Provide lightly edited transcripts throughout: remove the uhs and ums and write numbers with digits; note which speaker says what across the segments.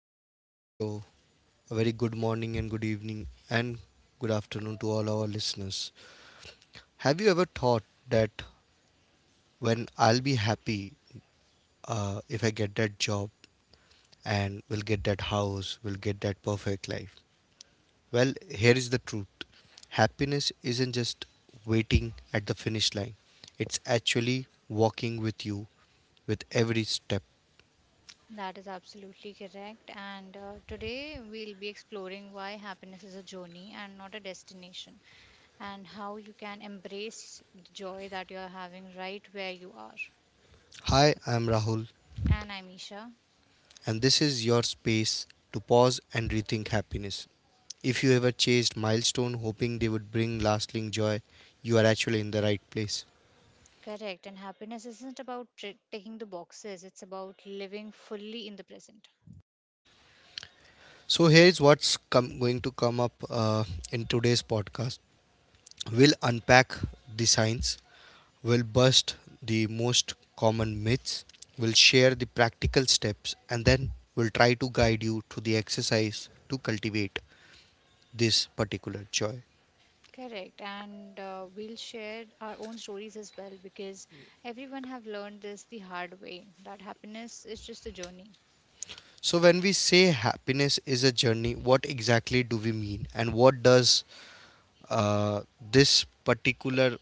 Speaker 1: back to our show. A very good morning and good evening and good afternoon to all our listeners. Have you ever thought that when I'll be happy if I get that job and will get that house, will get that perfect life? Well, here is the truth, happiness isn't just waiting at the finish line, it's actually walking with you with every step.
Speaker 2: That is absolutely correct. And today we'll be exploring why happiness is a journey and not a destination, and how you can embrace the joy that you're having right where you are.
Speaker 1: Hi, I'm Rahul,
Speaker 2: And I'm Isha.
Speaker 1: and this is your space to pause and rethink happiness. If you ever chased milestone hoping they would bring lasting joy, you are actually in the right place.
Speaker 2: Correct. And happiness isn't about tri ticking the boxes, it's about living fully in the present.
Speaker 1: So here is going to come up in today's podcast. We'll unpack the science, we'll bust the most common myths, we'll share the practical steps, and then we'll try to guide you to the exercise to cultivate this particular joy.
Speaker 2: Correct. And we'll share our own stories as well because everyone have learned this the hard way that happiness is just a journey.
Speaker 1: So, when we say happiness is a journey, what exactly do we mean, and what does uh, this particular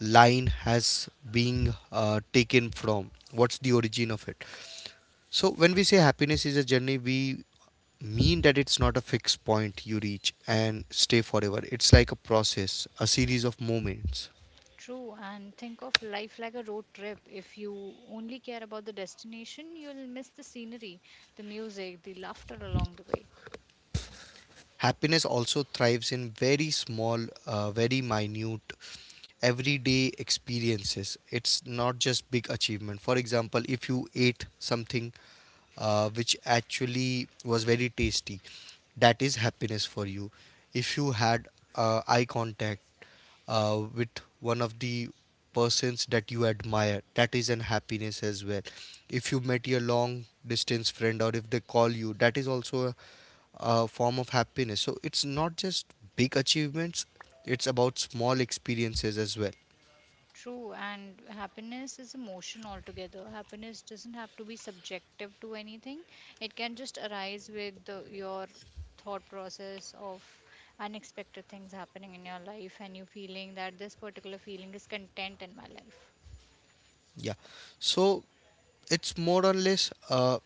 Speaker 1: line has being taken from? What's the origin of it? So, when we say happiness is a journey, we mean that it's not a fixed point you reach and stay forever. It's like a process, a series of moments.
Speaker 2: True, and think of life like a road trip. If you only care about the destination, you'll miss the scenery, the music, the laughter along the way.
Speaker 1: Happiness also thrives in very small, very minute, everyday experiences. It's not just big achievement. For example, if you ate something which actually was very tasty, that is happiness for you. If you had eye contact with one of the persons that you admire, that is an happiness as well. If you met your long distance friend or if they call you, that is also form of happiness. So it's not just big achievements, it's about small experiences as well.
Speaker 2: True, and happiness is emotion altogether. Happiness doesn't have to be subjective to anything, it can just arise with your thought process of unexpected things happening in your life and you feeling that this particular feeling is content in my life.
Speaker 1: Yeah. So it's more or less,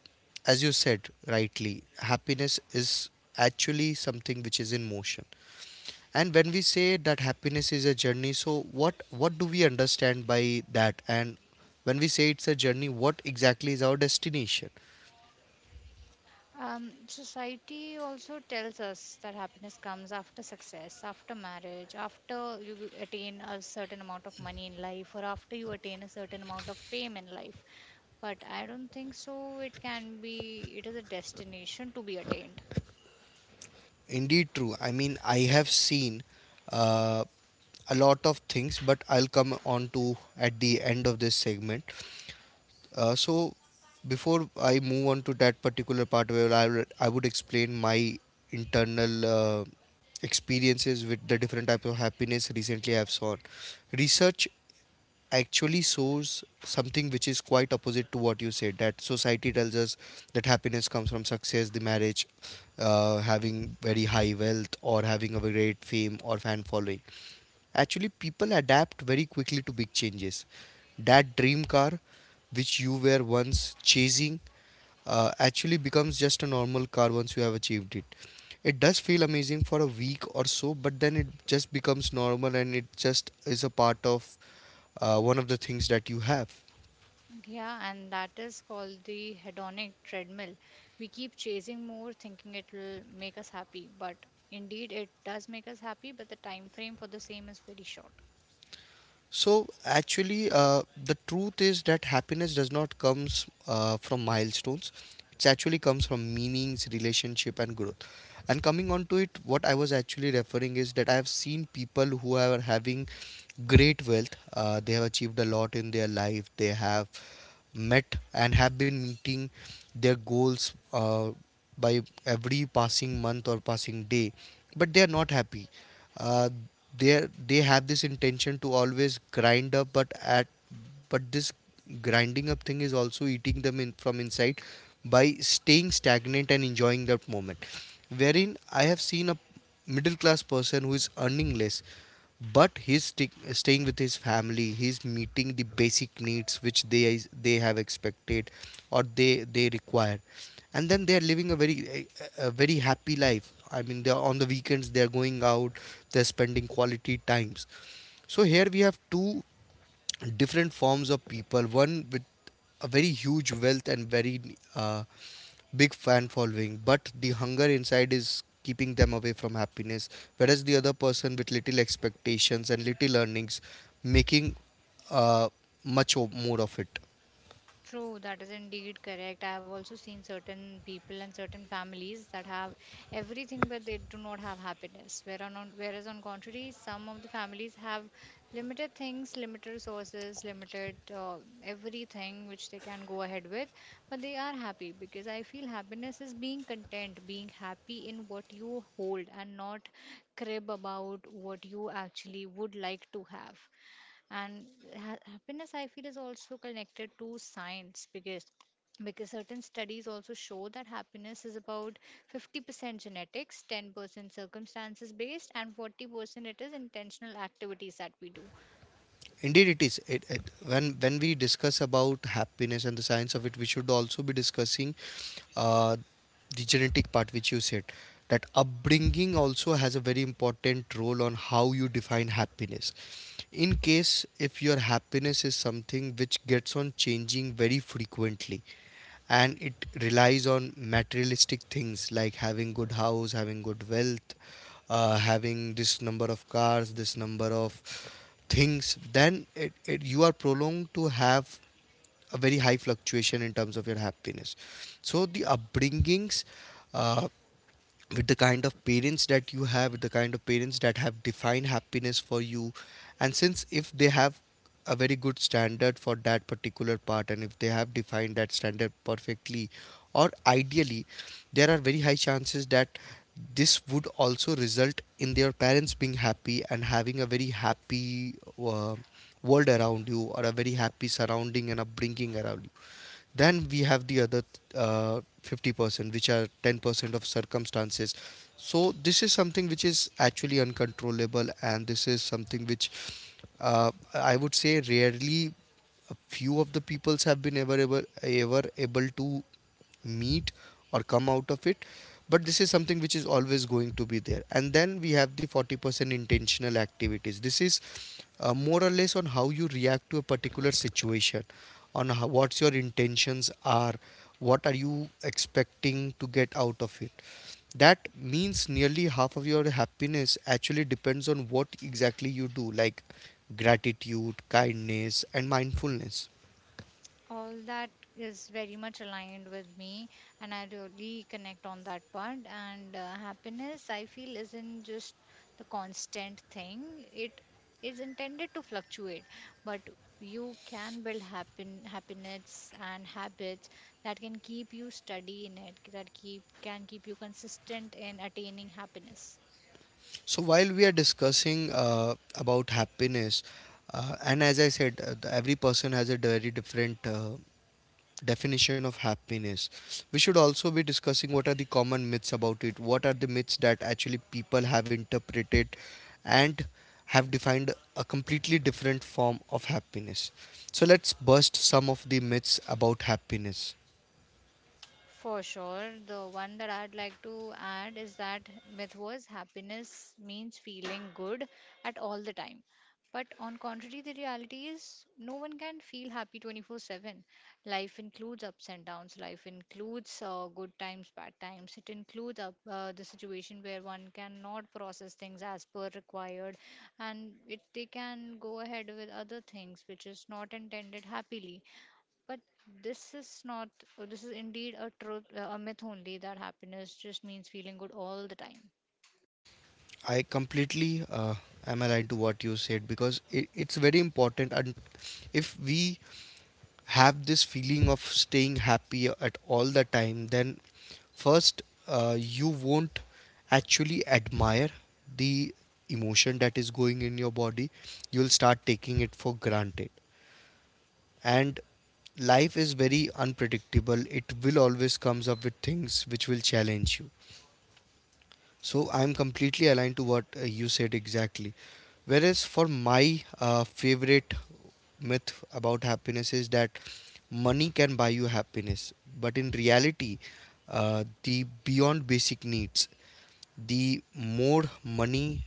Speaker 1: as you said rightly, happiness is actually something which is in motion. And when we say that happiness is a journey, so what do we understand by that? And when we say it's a journey, what exactly is our destination?
Speaker 2: Society also tells us that happiness comes after success, after marriage, after you attain a certain amount of money in life, or after you attain a certain amount of fame in life. But I don't think so. It can be, it is a destination to be attained.
Speaker 1: Indeed, true. I mean, I have seen uh, a lot of things, but I'll come on to at the end of this segment. So, before I move on to that particular part where I would explain my internal uh, experiences with the different types of happiness recently I've seen, research actually shows something which is quite opposite to what you said, that society tells us that happiness comes from success, the marriage, having very high wealth or having a great fame or fan following. Actually, people adapt very quickly to big changes. That dream car, which you were once chasing, actually becomes just a normal car once you have achieved it. It does feel amazing for a week or so, but then it just becomes normal and it just is a part of one of the things that you have.
Speaker 2: Yeah, and that is called the hedonic treadmill. We keep chasing more, thinking it will make us happy. But indeed, it does make us happy, but the time frame for the same is very short.
Speaker 1: So actually, the truth is that happiness does not comes from milestones. It actually comes from meanings, relationship, and growth. And coming on to it, what I was actually referring is that I have seen people who are having great wealth. They have achieved a lot in their life. They have met and have been meeting their goals by every passing month or passing day, but they are not happy, uh, they they have this intention to always grind up, but this grinding up thing is also eating them in from inside by staying stagnant and enjoying that moment, wherein I have seen a middle class person who is earning less, but he's staying with his family, he's meeting the basic needs which they have expected or they require, and then they are living a very happy life. I mean, they are on the weekends they are going out, they're spending quality times. So here we have two different forms of people, one with a very huge wealth and very uh, big fan following, but the hunger inside is keeping them away from happiness, whereas the other person with little expectations and little earnings making uh, more of it.
Speaker 2: True, that is indeed correct. I have also seen certain people and certain families that have everything, but they do not have happiness. Whereas, on, whereas, on contrary, some of the families have limited things, limited resources, limited everything which they can go ahead with, but they are happy because I feel happiness is being content, being happy in what you hold, and not crib about what you actually would like to have. And happiness I feel is also connected to science because certain studies also show that happiness is about 50% genetics, 10% circumstances based, and 40% it is intentional activities that we do.
Speaker 1: Indeed it is, when we discuss about happiness and the science of it, we should also be discussing uh, the genetic part which you said, that upbringing also has a very important role on how you define happiness. In case if your happiness is something which gets on changing very frequently and it relies on materialistic things like having good house, having good wealth, having this number of cars, this number of things, then you are prolonged to have a very high fluctuation in terms of your happiness. So the upbringings uh, with the kind of parents that you have, with the kind of parents that have defined happiness for you, and since if they have a very good standard for that particular part and if they have defined that standard perfectly or ideally, there are very high chances that this would also result in their parents being happy and having a very happy uh, world around you or a very happy surrounding and upbringing around you. Then we have the other 50% which are 10% of circumstances. So this is something which is actually uncontrollable and this is something which I would say rarely a few of the peoples have been ever able to meet or come out of it. But this is something which is always going to be there. And then we have the 40% intentional activities. This is more or less on how you react to a particular situation, on how, what your intentions are, what are you expecting to get out of it. That means nearly half of your happiness actually depends on what exactly you do, like gratitude, kindness, and mindfulness.
Speaker 2: All that is very much aligned with me, and I really connect on that part. And happiness I feel isn't just the constant thing. It is intended to fluctuate, but you can build happen happiness and habits that can keep you steady in it, that keep can keep you consistent in attaining happiness.
Speaker 1: So while we are discussing about happiness, and as I said, every person has a very different definition of happiness. We should also be discussing what are the common myths about it. What are the myths that actually people have interpreted and have defined a completely different form of happiness. So let's bust some of the myths about happiness.
Speaker 2: For sure, the one that I'd like to add is that myth was happiness means feeling good at all the time. But on contrary, the reality is no one can feel happy 24/7. Life includes ups and downs. Life includes good times, bad times. It includes the situation where one cannot process things as per required, and it they can go ahead with other things which is not intended happily, but this is not, or this is indeed a truth, a myth only that happiness just means feeling good all the time.
Speaker 1: I completely am aligned to what you said because it's very important. And if we have this feeling of staying happy at all the time, then first you won't actually admire the emotion that is going in your body. You'll start taking it for granted. And life is very unpredictable. It will always comes up with things which will challenge you. So I'm completely aligned to what you said exactly. Whereas for my favorite myth about happiness is that money can buy you happiness, but in reality, the beyond basic needs, the more money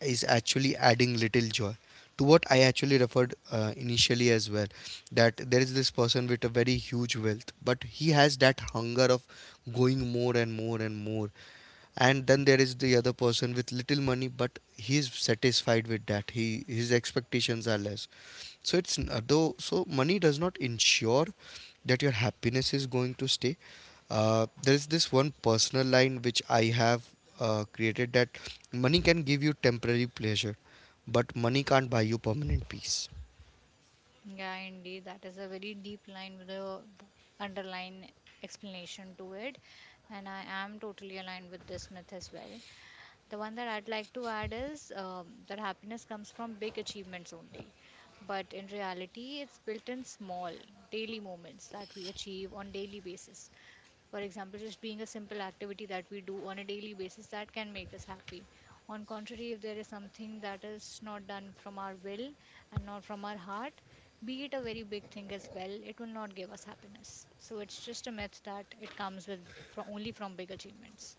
Speaker 1: is actually adding little joy to what I actually referred initially as well, that there is this person with a very huge wealth but he has that hunger of going more and more and more. And then there is the other person with little money but he is satisfied with that he his expectations are less. So though so money does not ensure that your happiness is going to stay. There is this one personal line which I have created, that money can give you temporary pleasure but money can't buy you permanent peace.
Speaker 2: Yeah, indeed, that is a very deep line with a underline explanation to it, and I am totally aligned with this myth as well. The one that I'd like to add is that happiness comes from big achievements only, but in reality, it's built in small daily moments that we achieve on daily basis. For example, just being a simple activity that we do on a daily basis that can make us happy. On contrary, if there is something that is not done from our will and not from our heart, be it a very big thing as well, it will not give us happiness. So it's just a myth that it comes with fro- only from big achievements.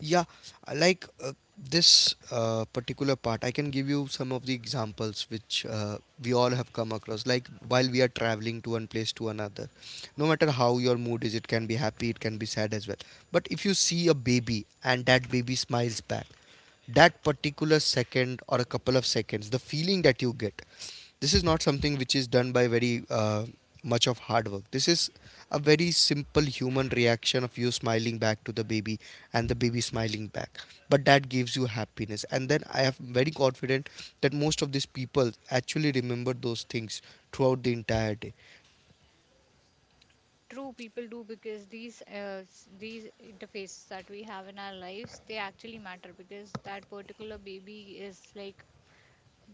Speaker 1: Yeah, I like this particular part, I can give you some of the examples which we all have come across. Like while we are traveling to one place to another, no matter how your mood is, it can be happy, it can be sad as well. But if you see a baby and that baby smiles back, that particular second or a couple of seconds, the feeling that you get, this is not something which is done by very much of hard work. This is a very simple human reaction of you smiling back to the baby and the baby smiling back, but that gives you happiness. And then I am very confident that most of these people actually remember those things throughout the entire day.
Speaker 2: True, people do, because these these interfaces that we have in our lives they actually matter because that particular baby is like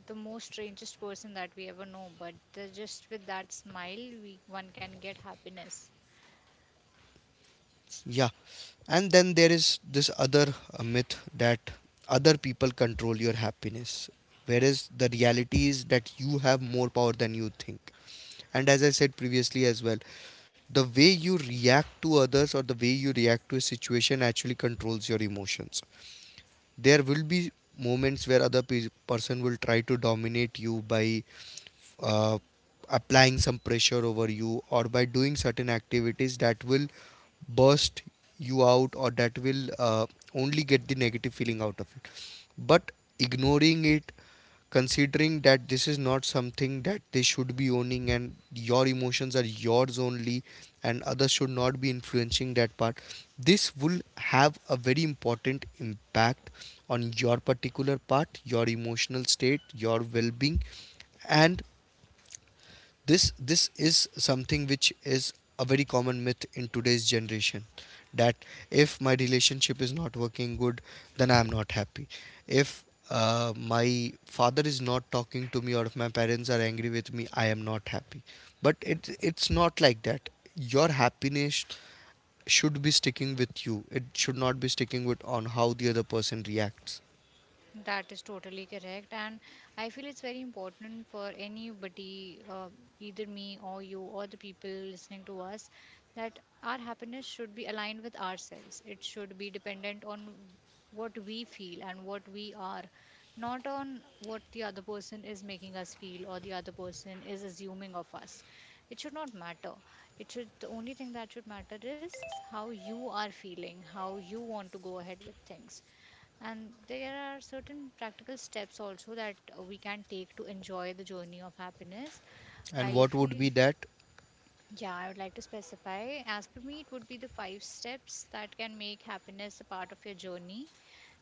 Speaker 2: the most strangest person that we ever know, but just with that smile we one can get happiness.
Speaker 1: Yeah, and then there is this other myth that other people control your happiness, whereas the reality is that you have more power than you think. And as I said previously as well, the way you react to others or the way you react to a situation actually controls your emotions. There will be moments where person will try to dominate you by uh, applying some pressure over you or by doing certain activities that will burst you out or that will only get the negative feeling out of it. But ignoring it, considering that this is not something that they should be owning and your emotions are yours only and others should not be influencing that part, this will have a very important impact on your particular part, your emotional state, your well-being. And this is something which is a very common myth in today's generation, that if my relationship is not working good, then I am not happy. If my father is not talking to me, or if my parents are angry with me, I am not happy. But it's not like that. Your happiness should be sticking with you. It should not be sticking with on how the other person reacts.
Speaker 2: That is totally correct. And I feel it's very important for anybody, either me or you or the people listening to us, that our happiness should be aligned with ourselves. It should be dependent on what we feel and what we are, not on what the other person is making us feel or the other person is assuming of us. It should not matter. It should, the only thing that should matter is how you are feeling, how you want to go ahead with things, and there are certain practical steps also that we can take to enjoy the journey of happiness.
Speaker 1: And
Speaker 2: I
Speaker 1: what would
Speaker 2: feel,
Speaker 1: be that?
Speaker 2: yeah, I would like to specify. As per me, it would be the five steps that can make happiness a part of your journey.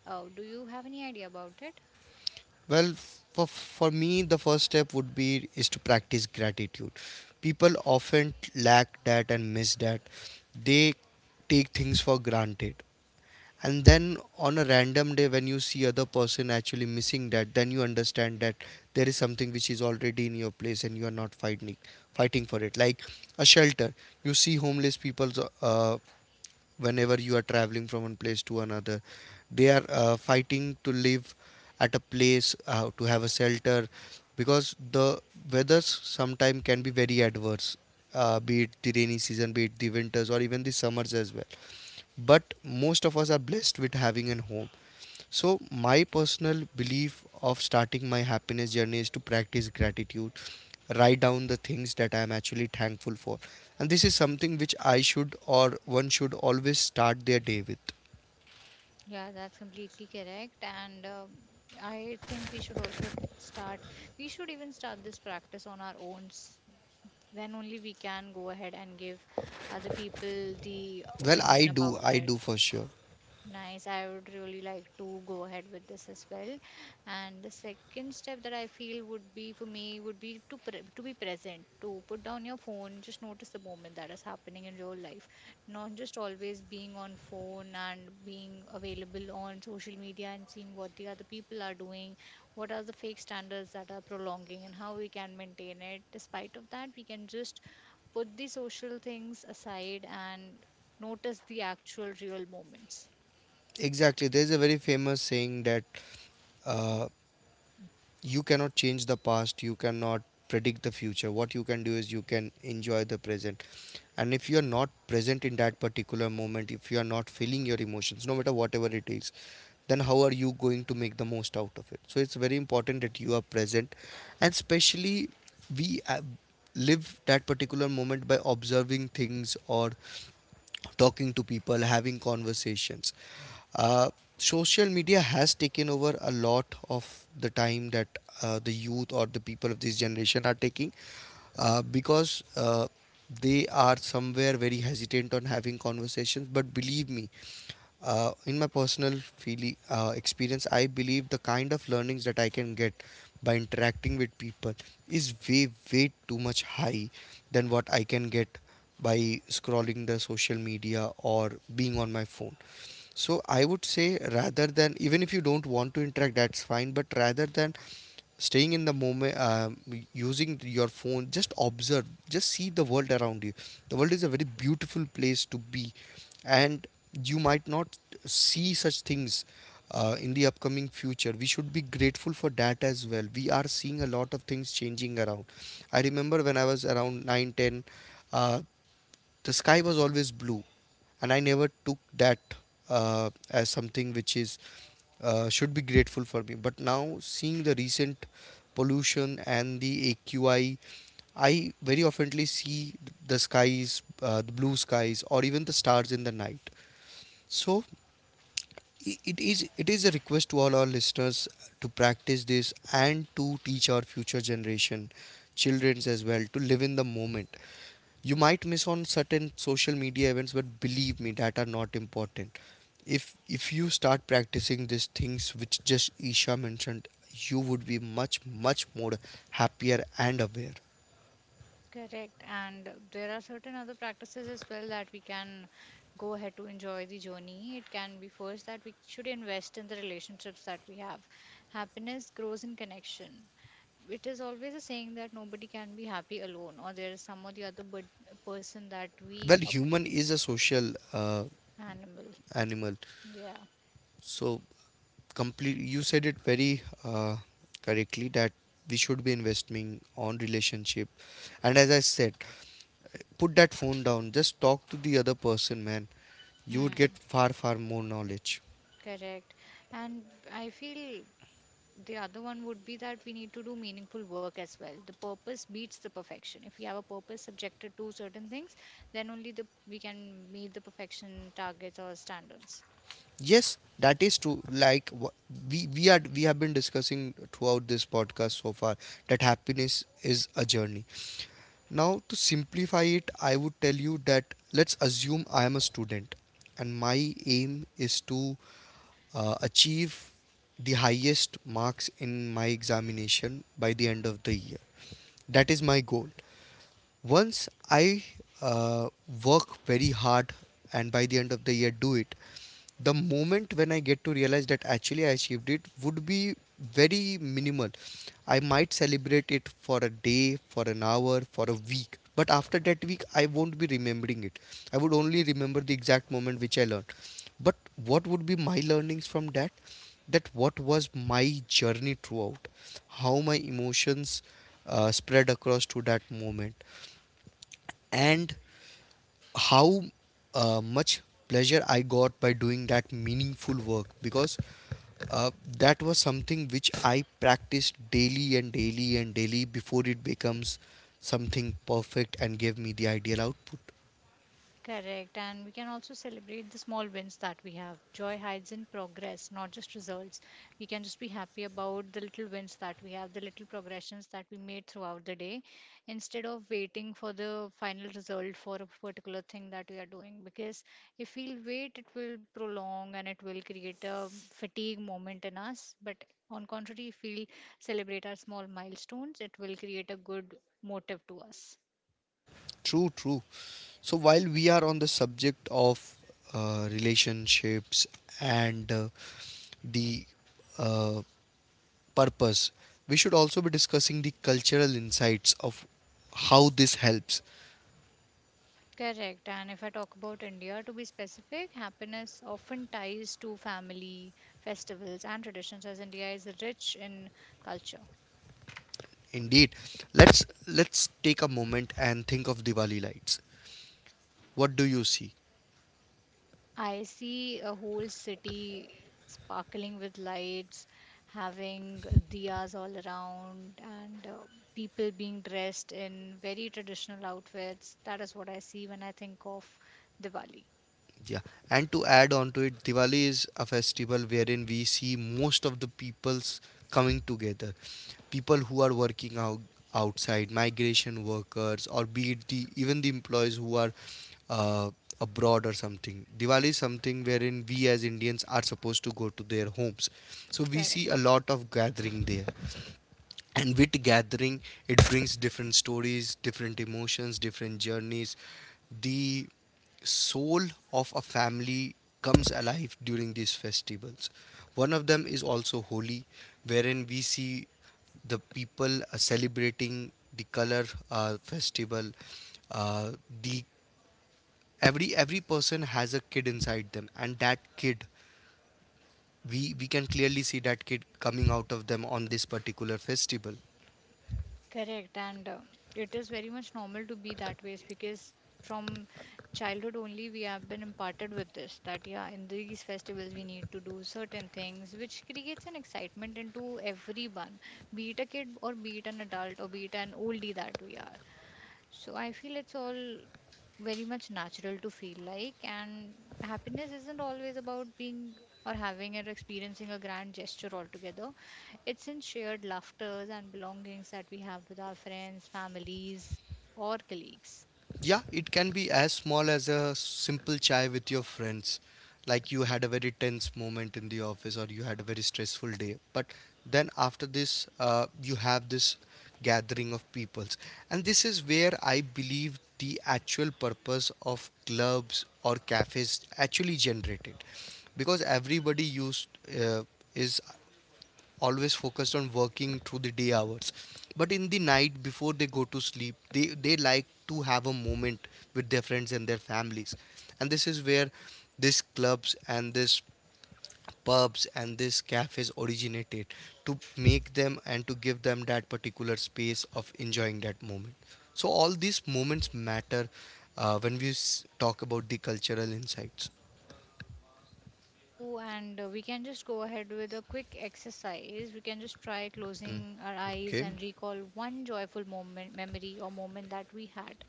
Speaker 2: Do you have any idea about it?
Speaker 1: Well, for me, the first step would be is to practice gratitude. People often lack that and miss that. They take things for granted. And then on a random day when you see other person actually missing that, then you understand that there is something which is already in your place and you are not fighting for it. Like a shelter. You see homeless people, uh, whenever you are traveling from one place to another, they are fighting to live at a place, to have a shelter, because the weathers sometimes can be very adverse. Be it the rainy season, be it the winters, or even the summers as well. But most of us are blessed with having a home. So my personal belief of starting my happiness journey is to practice gratitude, write down the things that I am actually thankful for. And this is something which I should, or one should, always start their day with.
Speaker 2: Yeah, that's completely correct. And I think we should also start, we should even start this practice on our own. Then only we can go ahead and give other people the
Speaker 1: Well, i
Speaker 2: opinion
Speaker 1: do
Speaker 2: about
Speaker 1: i
Speaker 2: it.
Speaker 1: do for sure.
Speaker 2: Nice. I would really like to go ahead with this as well. And the second step that I feel would be for me would be to be present, to put down your phone, just notice the moment that is happening in real life, not just always being on phone and being available on social media and seeing what the other people are doing, what are the fake standards that are prolonging, and how we can maintain it. Despite of that, we can just put the social things aside and notice the actual real moments.
Speaker 1: Exactly. There's a very famous saying that uh, you cannot change the past, you cannot predict the future. What you can do is you can enjoy the present. And if you are not present in that particular moment, if you are not feeling your emotions no matter whatever it is, then how are you going to make the most out of it? So it's very important that you are present. And especially we live that particular moment by observing things or talking to people, having conversations. Uh, Social media has taken over a lot of the time that the youth or the people of this generation are taking, because they are somewhere very hesitant on having conversations. But believe me, in my personal feeling experience, I believe the kind of learnings that I can get by interacting with people is way too much high than what I can get by scrolling the social media or being on my phone. So I would say, rather than, even if you don't want to interact, that's fine. But rather than staying in the moment, using your phone, just observe, just see the world around you. The world is a very beautiful place to be. And you might not see such things in the upcoming future. We should be grateful for that as well. We are seeing a lot of things changing around. I remember when I was around 9, 10. uh, the sky was always blue, and I never took that as something which is should be grateful for me. But now, seeing the recent pollution and the AQI, I very oftenly see the skies, the blue skies, or even the stars in the night. So it is a request to all our listeners to practice this and to teach our future generation childrens as well to live in the moment. You might miss on certain social media events, but believe me, that are not important. If you start practicing these things which just Isha mentioned, you would be much more happier and aware.
Speaker 2: Correct. And there are certain other practices as well that we can go ahead to enjoy the journey. It can be first that we should invest in the relationships that we have. Happiness grows in connection. It is always a saying that nobody can be happy alone, or there is some or the other person that we
Speaker 1: Well,
Speaker 2: a
Speaker 1: human is a social
Speaker 2: animal.
Speaker 1: animal.
Speaker 2: Yeah.
Speaker 1: So, complete, you said it very uh, correctly that we should be investing on relationship. And as I said, put that phone down, just talk to the other person, man. You would get
Speaker 2: Hmm.
Speaker 1: far more knowledge.
Speaker 2: Correct. And I feel the other one would be that we need to do meaningful work as well. The purpose beats the perfection. If we have a purpose subjected to certain things, then only the we can meet the perfection targets or standards.
Speaker 1: Yes, that is true. Like we have been discussing throughout this podcast so far that happiness is a journey. Now to simplify it, I would tell you that let's assume I am a student and my aim is to achieve the highest marks in my examination by the end of the year. That is my goal. Once I uh, work very hard and by the end of the year do it, the moment when I get to realize that actually I achieved it would be very minimal. I might celebrate it for a day, for an hour, for a week, but after that week I won't be remembering it. I would only remember the exact moment which I learned. But what would be my learnings from that? That what was my journey throughout, how my emotions spread across to that moment, and how much pleasure I got by doing that meaningful work. Because uh, that was something which I practiced daily and daily and daily before it becomes something perfect and gave me the ideal output.
Speaker 2: Correct. And we can also celebrate the small wins that we have. Joy hides in progress, not just results. We can just be happy about the little wins that we have, the little progressions that we made throughout the day, instead of waiting for the final result for a particular thing that we are doing. Because if we'll wait, it will prolong and it will create a fatigue moment in us. But on contrary, if we celebrate our small milestones, it will create a good motive to us.
Speaker 1: True, true. So while we are on the subject of relationships and the uh, purpose, we should also be discussing the cultural insights of how this helps.
Speaker 2: Correct. And if I talk about India, to be specific, happiness often ties to family, festivals, and traditions, as India is rich in culture.
Speaker 1: Indeed. Let's take a moment and think of Diwali lights. What do you see?
Speaker 2: I see a whole city sparkling with lights, having diyas all around, and people being dressed in very traditional outfits. That is what I see when I think of Diwali.
Speaker 1: Yeah. And to add on to it, Diwali is a festival wherein we see most of the peoples coming together. People who are working out outside, migration workers, or be it the even the employees who are uh, abroad or something. Diwali is something wherein we as Indians are supposed to go to their homes. So we
Speaker 2: Correct.
Speaker 1: see a lot of gathering there. And with gathering, it brings different stories, different emotions, different journeys. The soul of a family comes alive during these festivals. One of them is also Holi, wherein we see the people celebrating the color festival uh, the Every person has a kid inside them, and that kid, we can clearly see that kid coming out of them on this particular festival.
Speaker 2: Correct, and it is very much normal to be that way because from childhood only we have been imparted with this that yeah, in these festivals we need to do certain things, which creates an excitement into everyone, be it a kid or be it an adult or be it an oldie that we are. So I feel it's all very much natural to feel like, and happiness isn't always about being or having or experiencing a grand gesture altogether. It's in shared laughters and belongings that we have with our friends, families, or colleagues.
Speaker 1: Yeah, it can be as small as a simple chai with your friends. Like you had a very tense moment in the office or you had a very stressful day. But then after this, you have this gathering of peoples. And this is where I believe the actual purpose of clubs or cafes actually generated. Because everybody used, uh, is always focused on working through the day hours, but in the night before they go to sleep, they like to have a moment with their friends and their families. And this is where these clubs and these pubs and these cafes originated, to make them and to give them that particular space of enjoying that moment. So all these moments matter when we talk about the cultural insights.
Speaker 2: True, and we can just go ahead with a quick exercise. We can just try
Speaker 1: Mm.
Speaker 2: closing our eyes
Speaker 1: Okay.
Speaker 2: and recall one joyful moment, memory, or moment that we had.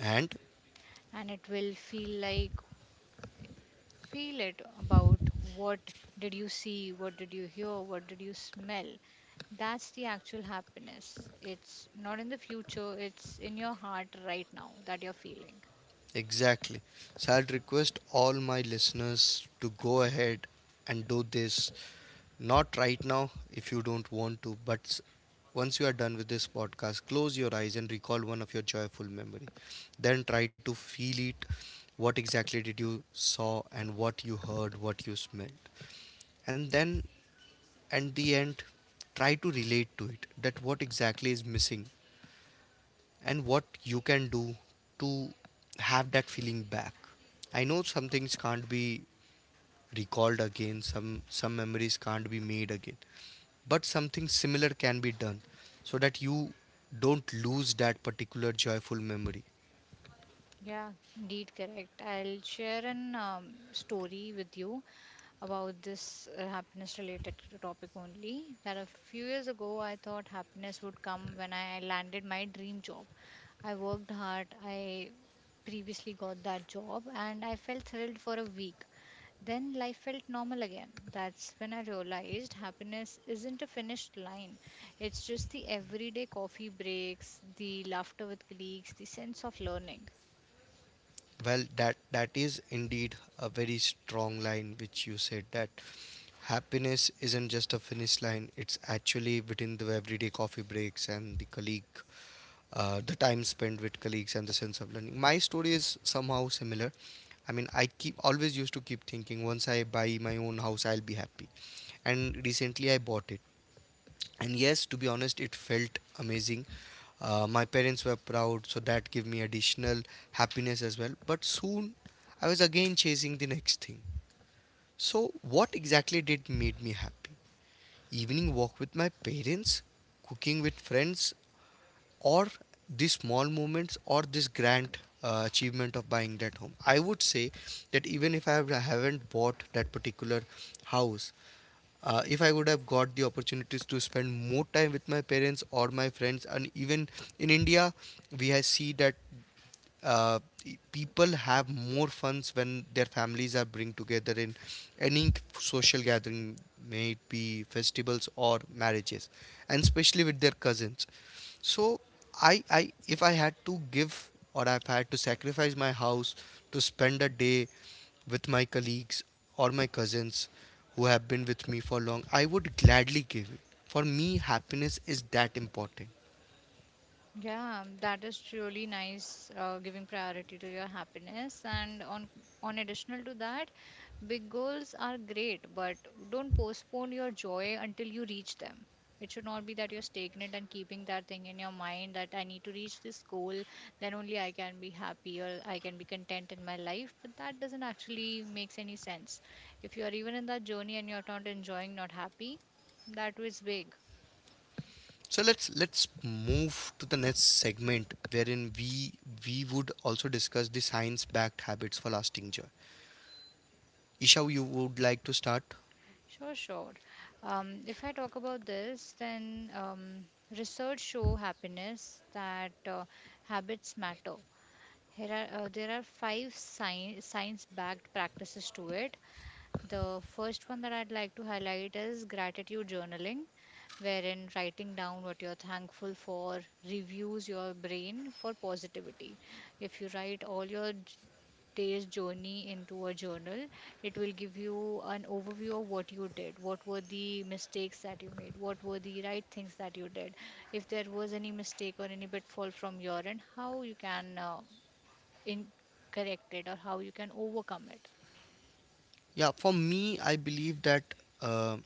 Speaker 1: And
Speaker 2: And it will feel like, feel it about what did you see, what did you hear, what did you smell. That's the actual happiness. It's not in the future, it's in your heart right now that you're feeling.
Speaker 1: exactly. So I'd request all my listeners to go ahead and do this. Not right now if you don't want to, but once you are done with this podcast, close your eyes and recall one of your joyful memory. Then try to feel it. What exactly did you saw, and what you heard, what you smelled. And then at the end, try to relate to it that what exactly is missing and what you can do to have that feeling back. I know some things can't be recalled again, some memories can't be made again, but something similar can be done so that you don't lose that particular joyful memory.
Speaker 2: Yeah, indeed, correct. I'll share an story with you about this happiness related to topic only. That a few years ago, I thought happiness would come when I landed my dream job. I worked hard, I previously got that job, and I felt thrilled for a week. Then life felt normal again. That's when I realized happiness isn't a finished line. It's just the everyday coffee breaks, the laughter with colleagues, the sense of learning.
Speaker 1: Well, that that is indeed a very strong line which you said, that happiness isn't just a finish line, it's actually within the everyday coffee breaks and the colleague, the time spent with colleagues and the sense of learning. My story is somehow similar. I mean, I keep always used to keep thinking, once I buy my own house, I'll be happy. And recently, I bought it. And yes, to be honest, it felt amazing. My parents were proud, so that gave me additional happiness as well. But soon, I was again chasing the next thing. So what exactly did made me happy? Evening walk with my parents, cooking with friends, or these small moments, or this grand achievement of buying that home? I would say that even if I haven't bought that particular house, if I would have got the opportunities to spend more time with my parents or my friends. And even in India, we have see that uh, people have more funs when their families are bring together in any social gathering, may it be festivals or marriages, and especially with their cousins. So I if I had to give, or I've had to sacrifice my house to spend a day with my colleagues or my cousins who have been with me for long, I would gladly give it. For me, happiness is that important.
Speaker 2: Yeah, that is truly nice, giving priority to your happiness. And on additional to that, big goals are great, but don't postpone your joy until you reach them. It should not be that you're stagnant and keeping that thing in your mind that I need to reach this goal, then only I can be happy or I can be content in my life. But that doesn't actually makes any sense. If you are even in that journey and you're not enjoying, not happy, that was big.
Speaker 1: So let's move to the next segment wherein we would also discuss the science-backed habits for lasting joy. Isha, you would like to start?
Speaker 2: Sure, sure. If I talk about this, then research show happiness that habits matter. Here are, there are five science-backed practices to it. The first one that I'd like to highlight is gratitude journaling, wherein writing down what you're thankful for reviews your brain for positivity. If you write all your day's journey into a journal, it will give you an overview of what you did, what were the mistakes that you made, what were the right things that you did, if there was any mistake or any pitfall from your end, how you can in correct it or how you can overcome it.
Speaker 1: Yeah, for me, I believe that uh,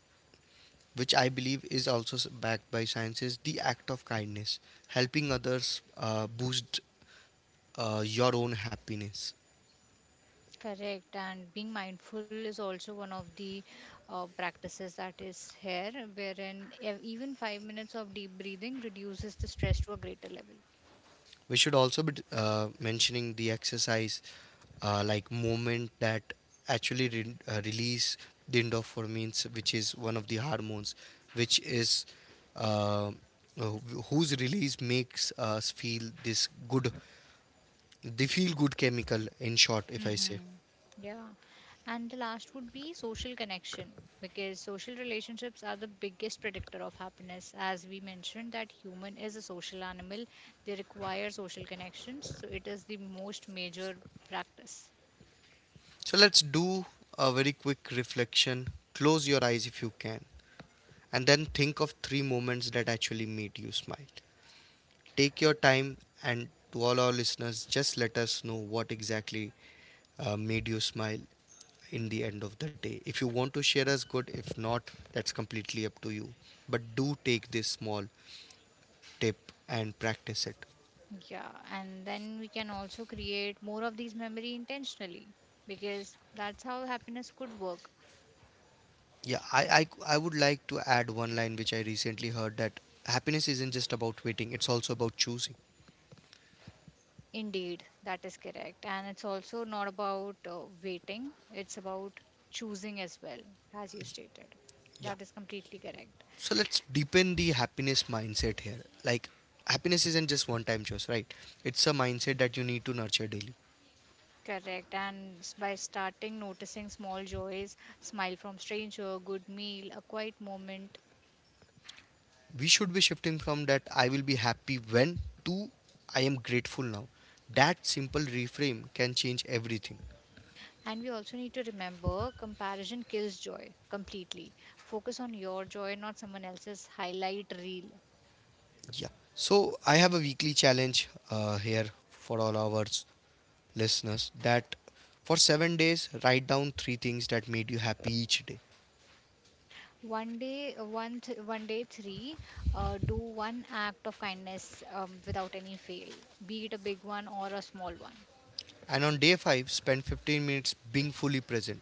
Speaker 1: which I believe is also backed by science, is the act of kindness, helping others boost your own happiness.
Speaker 2: Correct, and being mindful is also one of the practices that is here, wherein even 5 minutes of deep breathing reduces the stress to a greater level.
Speaker 1: We should also be mentioning the exercise, like movement, that actually release the endorphins, which is one of the hormones which is uh, uh, whose release makes us feel this good. The feel good chemical, in short, if I say.
Speaker 2: Mm-hmm. Yeah. And the last would be social connection because social relationships are the biggest predictor of happiness. As we mentioned, that human is a social animal, they require social connections. So it is the most major practice.
Speaker 1: So let's do a very quick reflection. Close your eyes if you can, and then think of three moments that actually made you smile. Take your time, and to all our listeners, just let us know what exactly made you smile in the end of the day. If you want to share us, good. If not, that's completely up to you. But do take this small tip and practice it.
Speaker 2: Yeah, and then we can also create more of these memory intentionally because that's how happiness could work.
Speaker 1: Yeah, I would like to add one line which I recently heard, that happiness isn't just about waiting, it's also about choosing.
Speaker 2: Indeed, that is correct. And it's also not about waiting, it's about choosing as well, as you stated.
Speaker 1: Yeah.
Speaker 2: That is completely correct.
Speaker 1: So let's deepen the happiness mindset here. Like, happiness isn't just one time choice, right? It's a mindset that you need to nurture daily.
Speaker 2: Correct. And by starting noticing small joys, smile from stranger, good meal, a quiet moment,
Speaker 1: We should be shifting from that "I will be happy when" to "I am grateful now." That simple reframe can change everything.
Speaker 2: and we also need to remember comparison kills joy completely. Focus on your joy, not someone else's highlight reel.
Speaker 1: Yeah. So I have a weekly challenge here for all our listeners, that for 7 days, write down three things that made you happy each day.
Speaker 2: One day, one day three, do one act of kindness without any fail, be it a big one or a small one.
Speaker 1: And on day five, spend 15 minutes being fully present.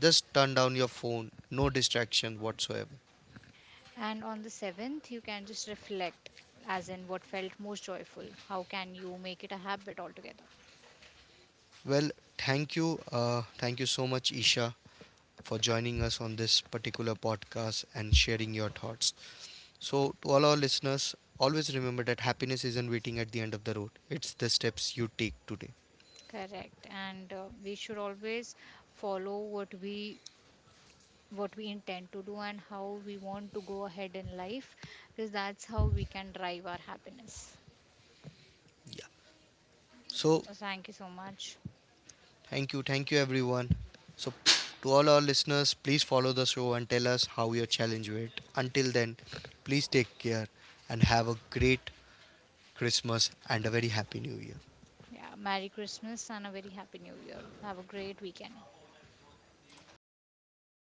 Speaker 1: Just turn down your phone, no distraction whatsoever.
Speaker 2: And on the seventh, you can just reflect, as in what felt most joyful. How can you make it a habit altogether?
Speaker 1: Well, thank you. Thank you so much, Isha, for joining us on this particular podcast and sharing your thoughts. So, to all our listeners, always remember that happiness isn't waiting at the end of the road, it's the steps you take today.
Speaker 2: Correct. And we should always follow what we intend to do and how we want to go ahead in life because that's how we can drive our happiness.
Speaker 1: Yeah.
Speaker 2: Yep.
Speaker 1: So,
Speaker 2: So thank you so much.
Speaker 1: thank you everyone. So, to all our listeners, please follow the show and tell us how your challenge went. Until then, please take care and have a great Christmas and a very happy new year.
Speaker 2: Yeah, merry Christmas and a very happy new year. Have a great weekend.